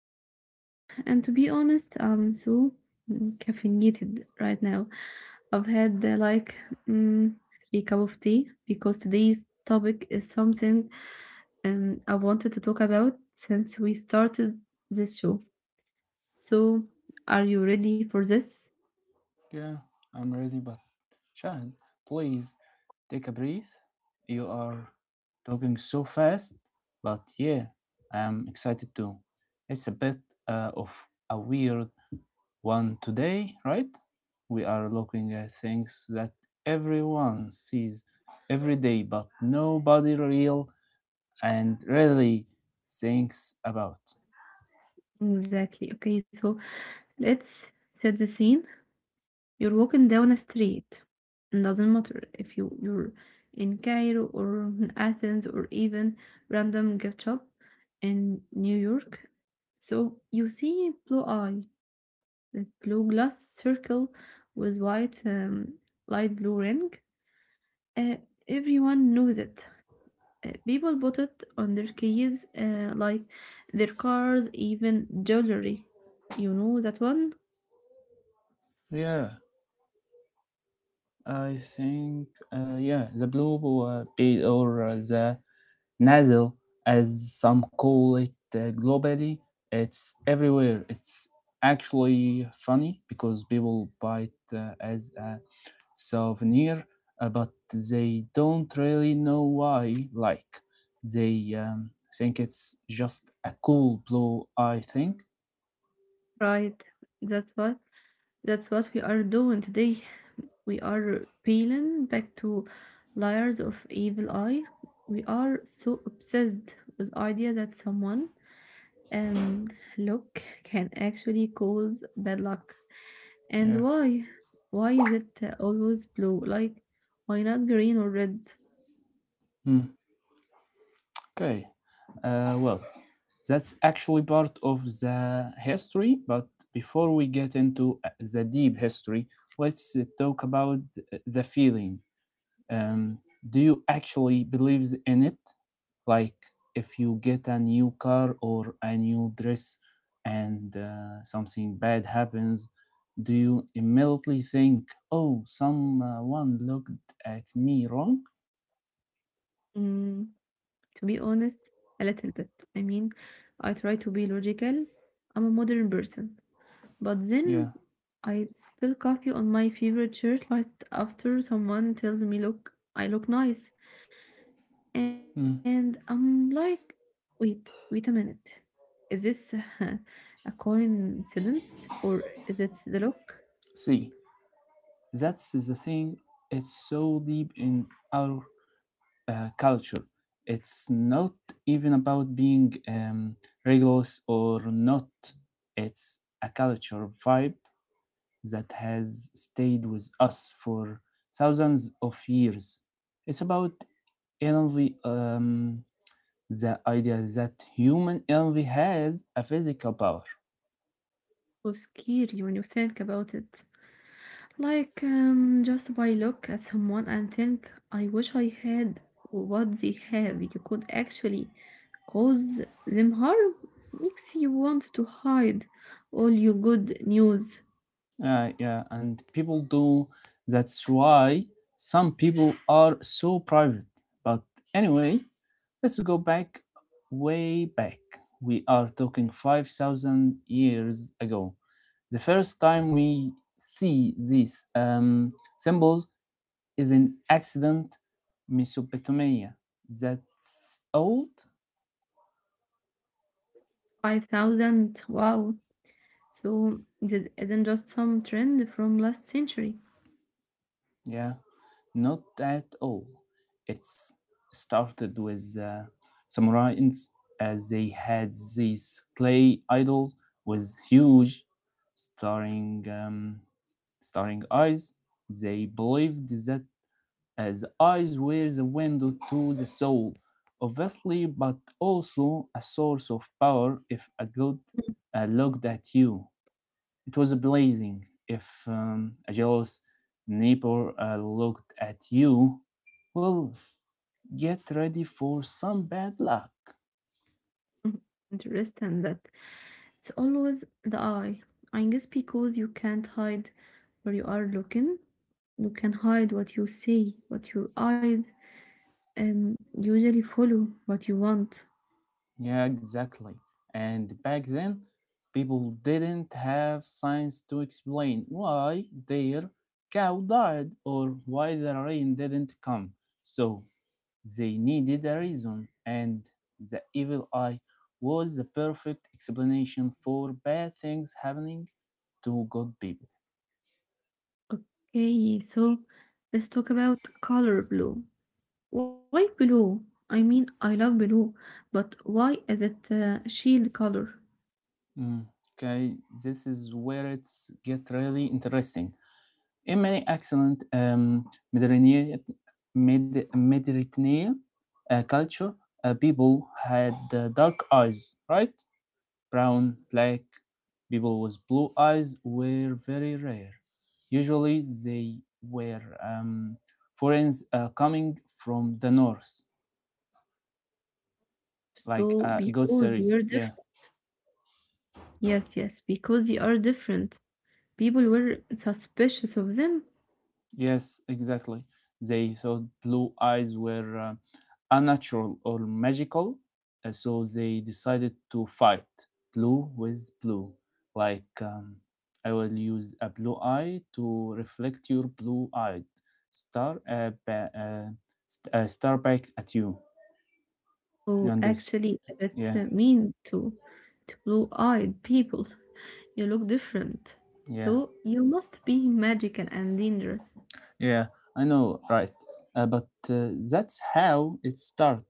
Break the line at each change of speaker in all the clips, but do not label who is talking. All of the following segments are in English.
I'm Shahd, and to be honest, I'm so caffeinated right now. I've had like mm, three cup of tea because today's topic is something I wanted to talk about since we started this show. So, are you ready for this?
Yeah, I'm ready, but Shahin, please take a breath. You are talking so fast, but yeah, I am excited too. It's a bit of a weird one today, right? We are looking at things that everyone sees every day, but nobody really thinks about.
Exactly. Okay, so let's set the scene. You're walking down a street. It doesn't matter if you're in Cairo or in Athens or even random gift shop in New York. So you see blue eye, the blue glass circle with white light blue ring. Uh, Everyone knows it. People put it on their keys, like their cars, even jewelry. You know that one,
Yeah, I think, yeah, the blue pill or the Nasal, as some call it globally, it's everywhere. It's actually funny because people buy it as a souvenir, but they don't really know why. Like, they think it's just a cool blue eye thing.
right? That's what that's what we are doing today. We are peeling back to layers of evil eye. We are so obsessed with the idea that someone um luck can actually cause bad luck.
Yeah.
And why? Why is it always blue? Like why not green or red?
Hmm. Okay. Well, that's actually part of the history. But before we get into the deep history, let's talk about the feeling. Um, do you actually believe in it? Like, if you get a new car or a new dress and something bad happens, do you immediately think, oh, someone looked at me wrong?
Mm, to be honest, a little bit. I mean, I try to be logical. I'm a modern person. But
Yeah.
then I spill coffee on my favorite shirt right after someone tells me, look, I look nice. And
Mm.
I'm like, wait, wait a minute. Is this a coincidence or is it the look?
See, that's the thing. It's so deep in our culture. It's not even about being rigorous or not. It's a culture vibe that has stayed with us for thousands of years. It's about envy, the idea that human envy has a physical power.
So scary when you think about it. Like, just by look at someone and think, I wish I had what they have. You could actually cause them harm. Makes you want to hide all your good news.
Yeah, and people do. That's why some people are so private. But anyway, let's go back, way back. We are talking 5,000 years ago. The first time we see these symbols is in ancient Mesopotamia. That's old.
5,000, wow. So, this isn't just some trend from last century.
Yeah, not at all. It's started with samurais as they had these clay idols with huge staring um, staring eyes. They believed that as eyes were the window to the soul, obviously, but also a source of power if a god looked at you. It was blazing. If a jealous neighbor looked at you, well, get ready for some bad luck.
Interesting that it's always the eye. I guess because you can't hide where you are looking, you can hide what you see, what your eyes and usually follow what you want.
Yeah, exactly. And back then, people didn't have science to explain why their cow died or why the rain didn't come. So they needed a reason, and the evil eye was the perfect explanation for bad things happening to good people.
Okay, so let's talk about color blue. Why blue? I mean, I love blue, but why is it a shield color?
Mm. Okay, this is where it's get really interesting. In many excellent Mediterranean, Mediterranean culture, people had dark eyes, right? Brown, black, people with blue eyes were very rare. Usually, they were foreigners coming from the north, like
So,
a good
because they
series.
are
Yeah.
different. Yes, yes, because they are different. People were suspicious of them.
Yes, exactly. They thought blue eyes were unnatural or magical, so they decided to fight blue with blue. Like, I will use a blue eye to reflect your blue eyed star, uh, ba- uh, star back at you. You
So,
understand?
actually, it
Yeah,
mean to blue-eyed people. You look different.
yeah.
So, you must be magical and dangerous.
Yeah, I know, right? But that's how it started.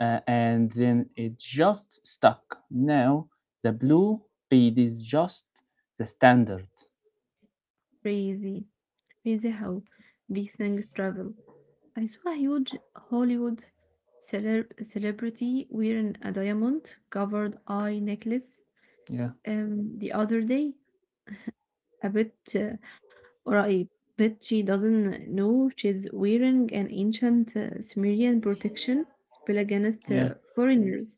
And then it just stuck. Now the blue bead is just the standard.
Crazy. Crazy how big things travel. I saw a huge Hollywood celebrity wearing a diamond covered eye necklace
Yeah,
the other day. A bit, or I bet she doesn't know she's wearing an ancient Sumerian protection spell
yeah,
against foreigners.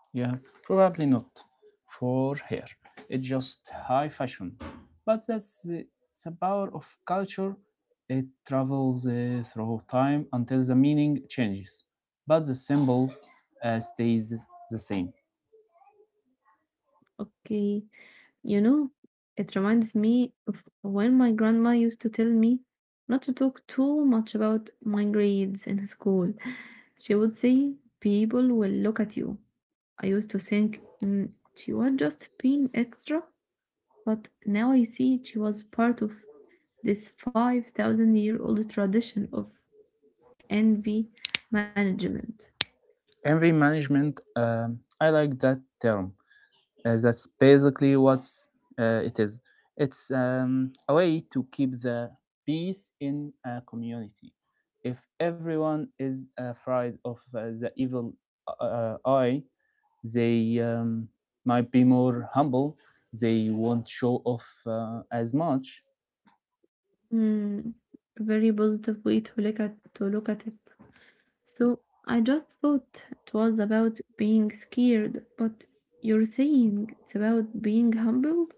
yeah. Probably not for hair. It's just high fashion. But it's the power of culture. It travels through time until the meaning changes, but the symbol stays the same.
Okay, you know, it reminds me of when my grandma used to tell me not to talk too much about my grades in school. She would say, people will look at you. I used to think she was just being extra, but now I see she was part of this 5,000 year old tradition of envy management.
Envy management, I like that term. That's basically what it is. It's a way to keep the peace in a community. If everyone is afraid of the evil eye, they might be more humble. They won't show off as much.
Mm, very positive way to look at it. So I just thought it was about being scared, but you're saying it's about being humble?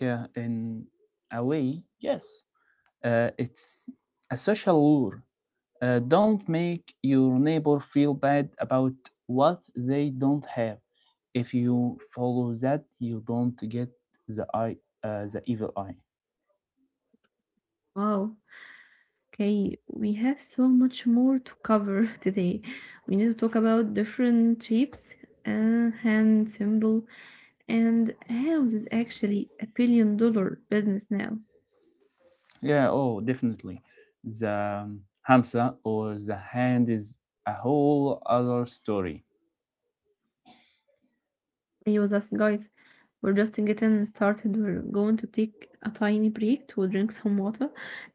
Yeah, in a way, yes. It's a social lure. Don't make your neighbor feel bad about what they don't have. If you follow that, you don't get the eye, the evil eye.
Wow. Okay, we have so much more to cover today. We need to talk about different shapes, hand symbol, and how this is actually a billion dollar business now.
Yeah, oh, definitely. The hamsa or the hand is a whole other story.
Stay with us, guys. We're just getting started. We're going to take a tiny break to drink some water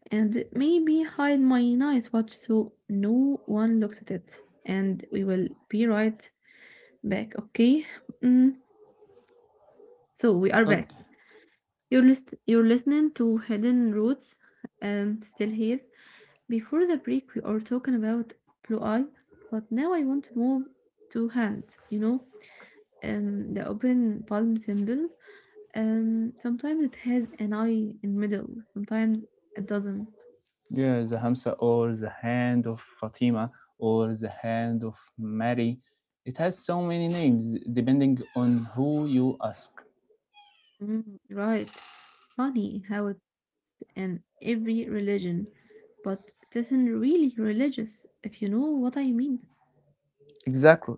and maybe hide my nice watch so no one looks at it. And we will be right back, okay? Mm, so we are back.
Okay.
You're you're listening to Hidden Roots. Still here. Before the break, we are talking about blue eye, but now I want to move to hand. You know, the open palm symbol. Sometimes it has an eye in middle. Sometimes it doesn't.
Yeah, the hamsa or the hand of Fatima or the hand of Mary. It has so many names depending on who you ask.
Mm, right funny how it and every religion, but it isn't really religious, if you know what I mean.
Exactly.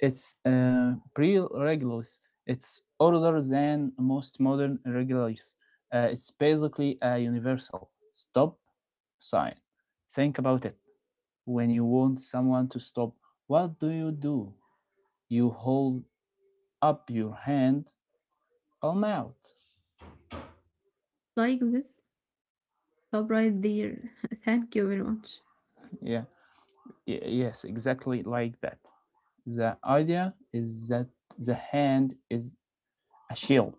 It's pre-regulus. It's older than most modern regulus. It's basically a universal stop sign. Think about it. When you want someone to stop, what do? You hold up your hand or mouth.
Like this. Stop right there. Thank you very much.
Yeah. Yes, exactly like that. The idea is that the hand is a shield.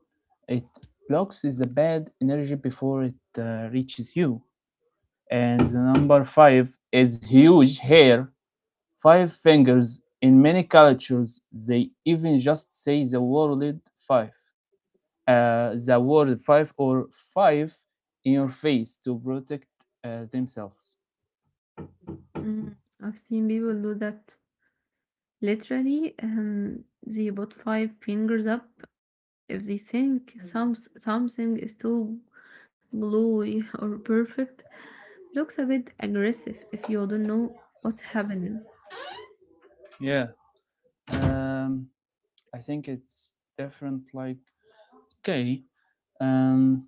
It blocks the bad energy before it reaches you. And the number five is huge hair, five fingers. In many cultures, they even just say the word five or five in your face to protect themselves.
Mm, I've seen people do that. Literally, they put five fingers up if they think something is too glowy or perfect. Looks a bit aggressive if you don't know what's happening.
Yeah, um, I think it's different. Okay, um,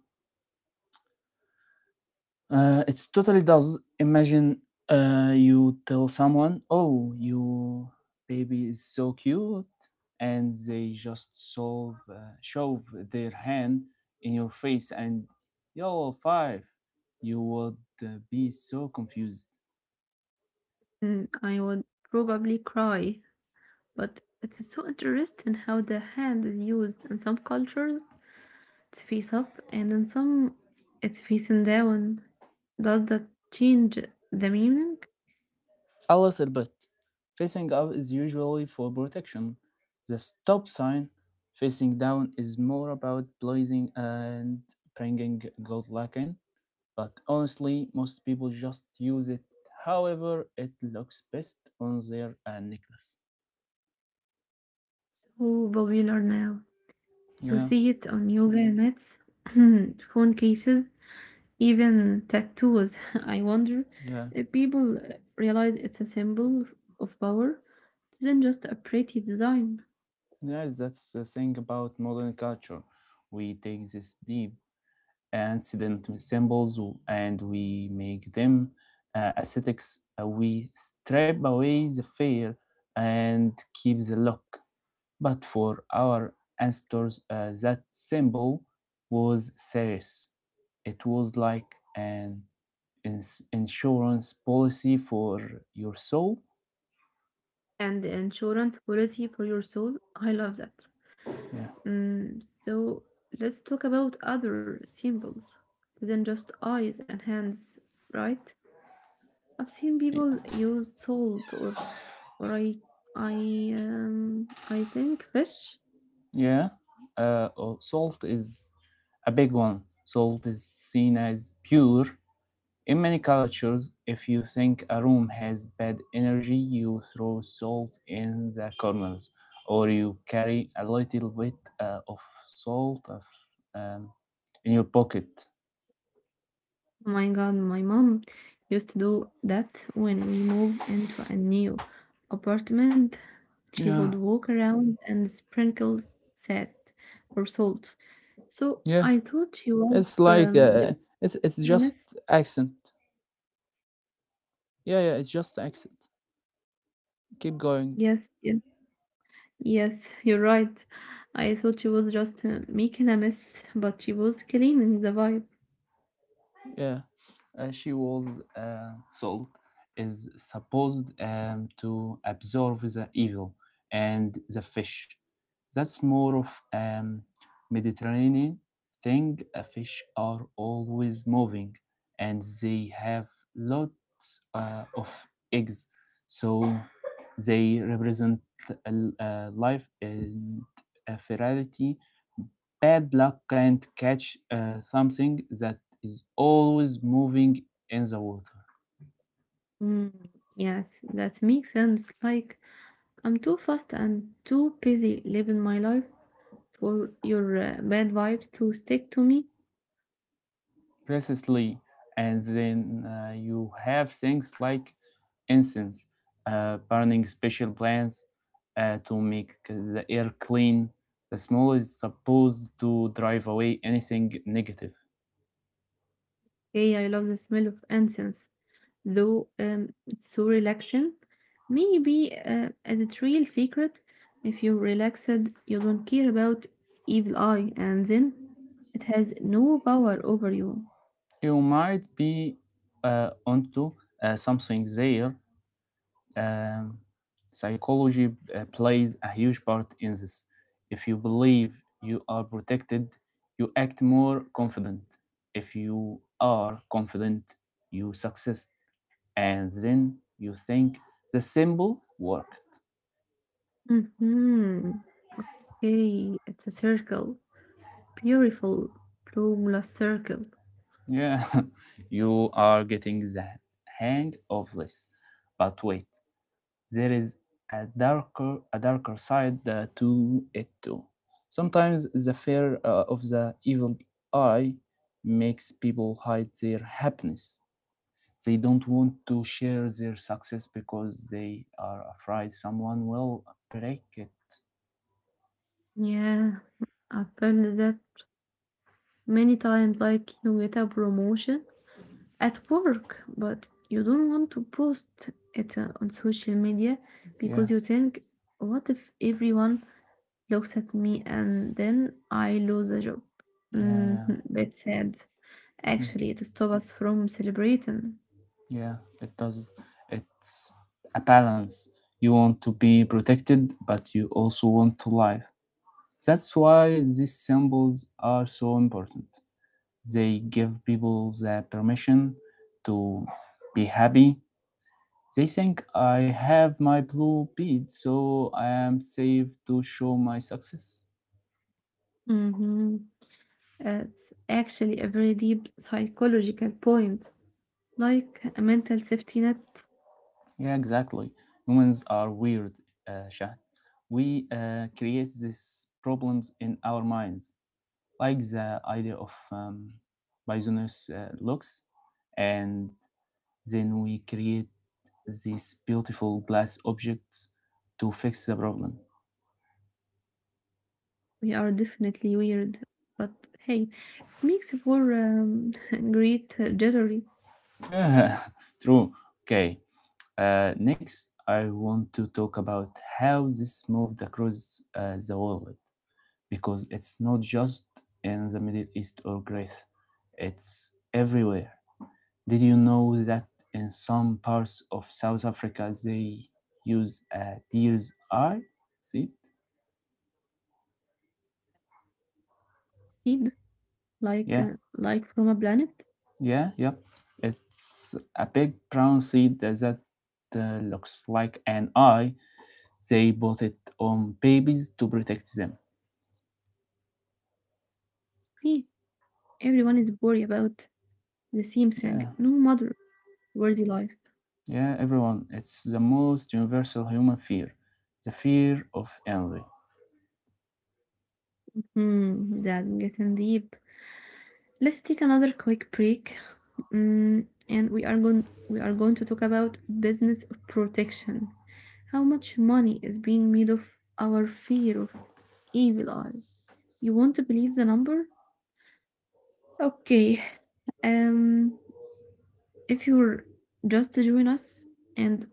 it totally does. Imagine you tell someone, "Oh, your baby is so cute," and they just shove their hand in your face, and you're five. You would be so confused.
Mm, I would probably cry. But it's so interesting how the hand is used in some cultures. It's face up, and in some, it's facing down. Does that change the meaning?
A little bit. Facing up is usually for protection. The stop sign facing down is more about blazing and bringing good luck in. But honestly, most people just use it however it looks best on their necklace.
So popular now. You
Yeah,
see it on yoga mats, phone cases, even tattoos. I wonder
yeah,
if people realize it's a symbol of power, than just a pretty design.
yeah. That's the thing about modern culture. We take these deep and sediment symbols and we make them aesthetics. We strip away the fear and keep the look. But for our ancestors, that symbol was serious. It was like an insurance policy for your soul.
And the insurance policy for your soul. I love that.
Yeah,
Mm, so let's talk about other symbols than just eyes and hands, right? I've seen people use salt or or I I I think fish.
yeah. Oh, salt is a big one. Salt is seen as pure. In many cultures, if you think a room has bad energy, you throw salt in the corners, or you carry a little bit of salt um, in your pocket.
Oh my God, my mom used to do that when we moved into a new apartment. She would
Yeah,
walk around and sprinkle salt or salt. So
yeah.
I thought she was
It's
the
it's just
yes,
accent. Yeah, yeah. It's just accent. Keep going.
yes, yes. Yes, you're right. I thought she was just making a mess, but she was cleaning the vibe.
Yeah, she was salt is supposed to absorb the evil and the fish. That's more of Mediterranean thing. Fish are always moving, and they have lots of eggs, so they represent uh, life and fertility. Bad luck can't catch something that is always moving in the water.
Mm, yes, that makes sense. Like, I'm too fast and too busy living my life for your bad vibes to stick to me.
Precisely. And then you have things like incense, burning special plants to make the air clean. The smell is supposed to drive away anything negative.
Hey, I love the smell of incense, though it's so relaxing. Maybe as it's real secret. If you're relaxed, you don't care about evil eye, and then it has no power over you.
You might be onto something there. Um, psychology plays a huge part in this. If you believe you are protected, you act more confident. If you are confident, you success, and then you think the symbol worked.
Mm-hmm. Hey, it's a circle. Beautiful, bloomless circle.
Yeah, you are getting the hang of this. But wait, there is a darker side to it too. Sometimes the fear of the evil eye makes people hide their happiness. They don't want to share their success because they are afraid someone will break it.
Yeah, I've found that many times, like you get a promotion at work, but you don't want to post it on social media
Yeah,
because you think, what if everyone looks at me and then I lose a job?
yeah, yeah,
Mm-hmm. That's sad.
Mm,
Actually, it stops us from celebrating.
yeah. It does. It's a balance. You want to be protected, but you also want to live. That's why these symbols are so important. They give people the permission to be happy. They think I have my blue bead, so I am safe to show my success.
Mm-hmm. It's actually a very deep psychological point, like a mental safety net.
Yeah, exactly. Humans are weird, Shah. We create these problems in our minds, like the idea of Bisonus looks, and then we create these beautiful glass objects to fix the problem.
We are definitely weird, but hey, it makes for great jittery
Yeah, true. Okay. Next, I want to talk about how this moved across the world because it's not just in the Middle East or Greece, it's everywhere. Did you know that in some parts of South Africa they use a deer's eye seed?
seed, like from a planet.
Yeah, yeah, yep. It's a big brown seed that uh, looks like an eye. They bought it on babies to protect them.
See, everyone is worried about the same thing, no matter
Yeah,
where they live.
yeah, everyone. It's the most universal human fear, the fear of envy.
Hmm, that getting deep. Let's take another quick break. Mm, and we are going to talk about business protection. How much money is being made of our fear of evil eye? You want to believe the number? Okay. Um, if you're just to join us and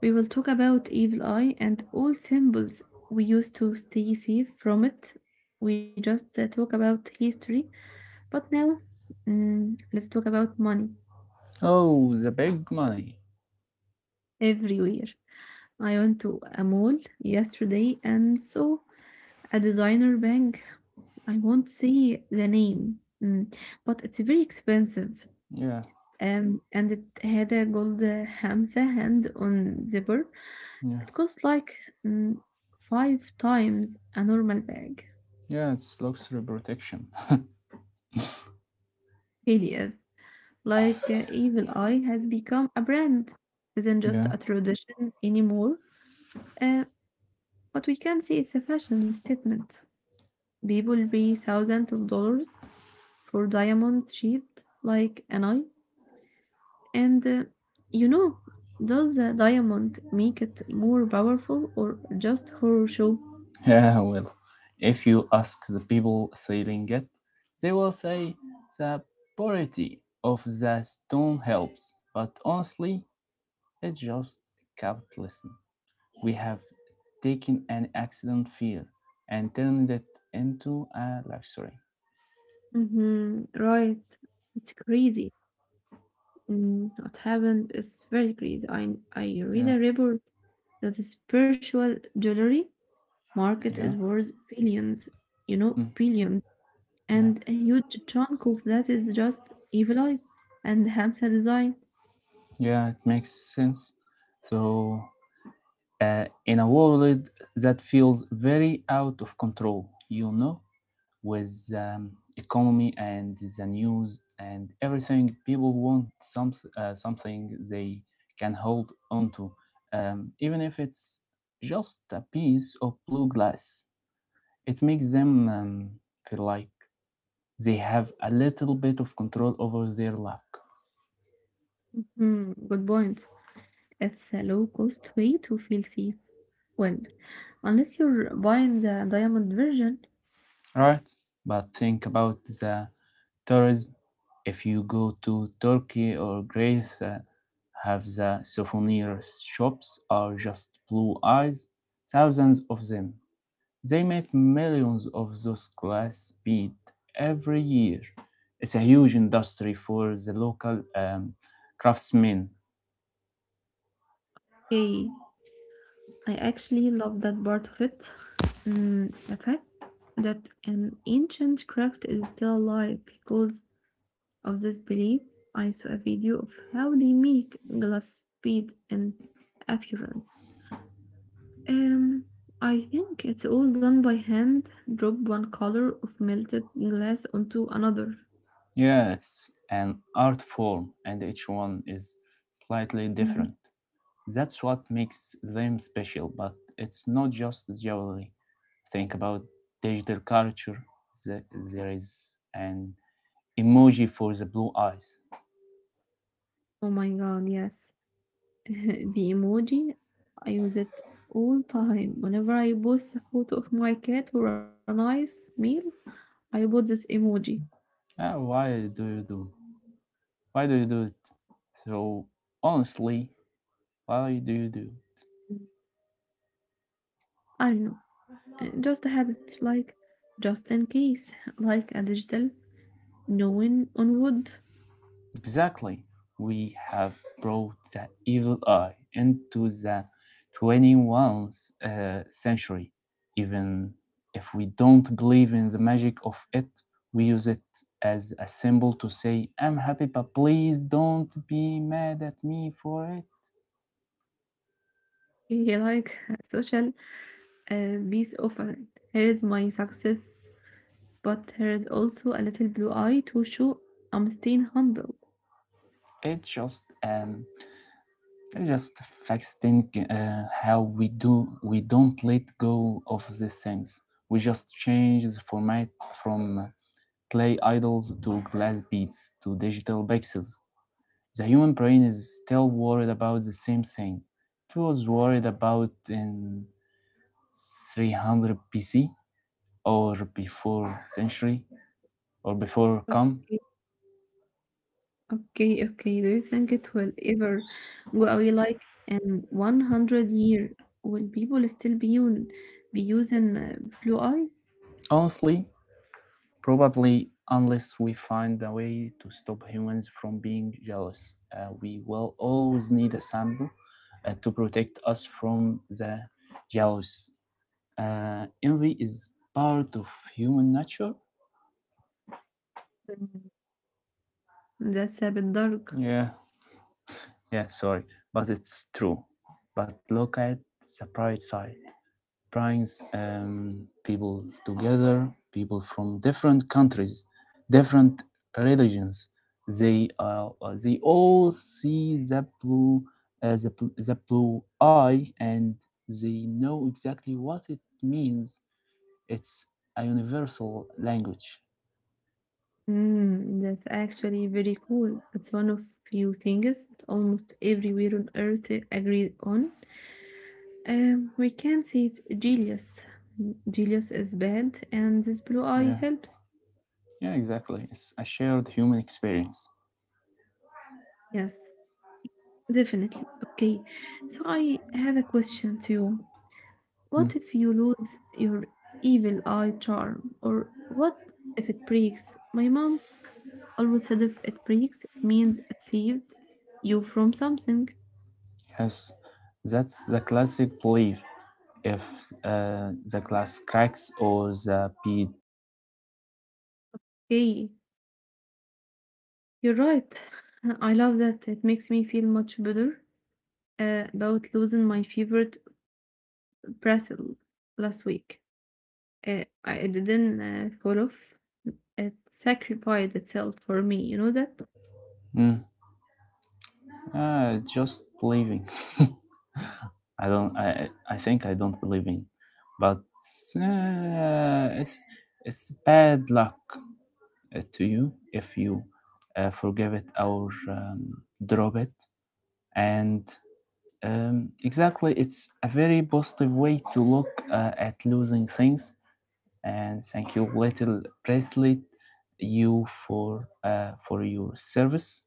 we will talk about evil eye and all symbols we use to stay safe from it. We just talk about history, but now let's talk about money.
Oh, the big money.
Everywhere. I went to a mall yesterday and saw a designer bag. I won't say the name, but it's very expensive.
Yeah,
And it had a gold Hamza hand on zipper.
yeah,
It cost like mm, five times a normal bag.
yeah, it's luxury protection.
Really is. Like Evil Eye has become a brand. Isn't just
Yeah,
a tradition anymore. Uh, but we can see it's a fashion statement. They will pay thousands of dollars for diamond sheet like an eye. And you know, does the diamond make it more powerful or just for show?
yeah, well, if you ask the people selling it, they will say the poverty of the stone helps, but honestly, it's just capitalism. We have taken an accident fear and turned it into a luxury.
Mm-hmm, right. It's crazy. Mm, what happened is very crazy. I read
Yeah,
a report that the spiritual jewelry market
yeah,
is worth billions, you know,
mm,
billions.
yeah,
And a huge chunk of that is just evil eye and Hamsa design.
yeah, it makes sense. So, in a world that feels very out of control, you know, with economy and the news and everything, people want something they can hold onto, even if it's just a piece of blue glass. It makes them feel like they have a little bit of control over their luck,
Mhm, good point. It's a low-cost way to feel safe. Well, unless you're buying the diamond version.
right? But think about the tourism. If you go to Turkey or Greece, have the souvenir shops are just blue eyes, thousands of them. They make millions of those glass beads every year. It's a huge industry for the local craftsmen.
Hey, I actually love that part of it. Mm, the fact that an ancient craft is still alive because of this belief. I saw a video of how they make glass bead and appearance. Um, I think it's all done by hand. Drop one color of melted glass onto another.
Yeah, it's an art form, and each one is slightly
Mm-hmm.
different. That's what makes them special, but it's not just jewelry. Think about digital culture. There is an emoji for the blue eyes.
Oh my god, yes. The emoji, I use it all time. Whenever I post a photo of my cat or a nice meal, I put this emoji.
Ah, why do you do? Why do you do it? So honestly, why do you do?
I don't know. Just a habit, like just in case, like a digital knowing on wood.
Exactly. We have brought the evil eye into the 21st century. Even if we don't believe in the magic of it, we use it as a symbol to say, I'm happy, but please don't be mad at me for it.
Yeah, like a social peace offering. Here is my success, but here is also a little blue eye to show I'm staying humble.
It's just um, it just affects think how we do. We don't let go of these things. We just change the format from clay idols to glass beads to digital pixels. The human brain is still worried about the same thing it was worried about in 300 BC or before century or before come.
Okay, okay. Do you think it will ever go away like in 100 year? Will people still be, be using blue eye?
Honestly, probably unless we find a way to stop humans from being jealous, we will always need a sample to protect us from the jealous. Envy is part of human nature.
Mm, that's a bit dark.
Yeah. Yeah, sorry, but it's true. But look at the bright side. Brings people together, people from different countries, different religions. They all see the blue, the blue eye, and they know exactly what it means. It's a universal language.
Mm, that's actually very cool. It's one of few things that almost everywhere on Earth agree on. We can see it. Genius. Genius is bad, and this blue
Yeah.
eye helps.
Yeah, exactly. It's a shared human experience.
Yes, definitely. Okay, so I have a question to you.
Mm.
What if you lose your evil eye charm? Or what if it breaks? My mom always said if it breaks, it means it saved you from something.
Yes, that's the classic belief. If the glass cracks or the bead,
Hey, you're right. I love that. It makes me feel much better about losing my favorite bracelet last week. I it didn't fall off. It sacrificed itself for me. You know that?
mm, just believing. I think I don't believe in, but uh, it's it's bad luck to you if you forgive it or drop it. And exactly, it's a very positive way to look at losing things and thank you little bracelet you for your service.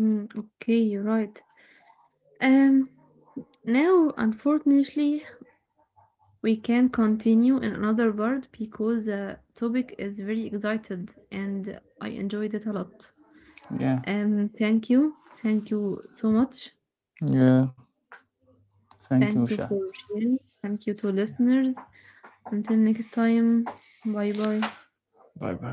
Mm, okay, you're right. Um, now, unfortunately, we can continue in another word because the topic is very excited and I enjoyed it a lot.
Yeah.
Thank you. Thank you so much.
Yeah, thank you,
Thank you
chat.
for sharing. Thank you to listeners. Until next time, bye bye.
Bye bye.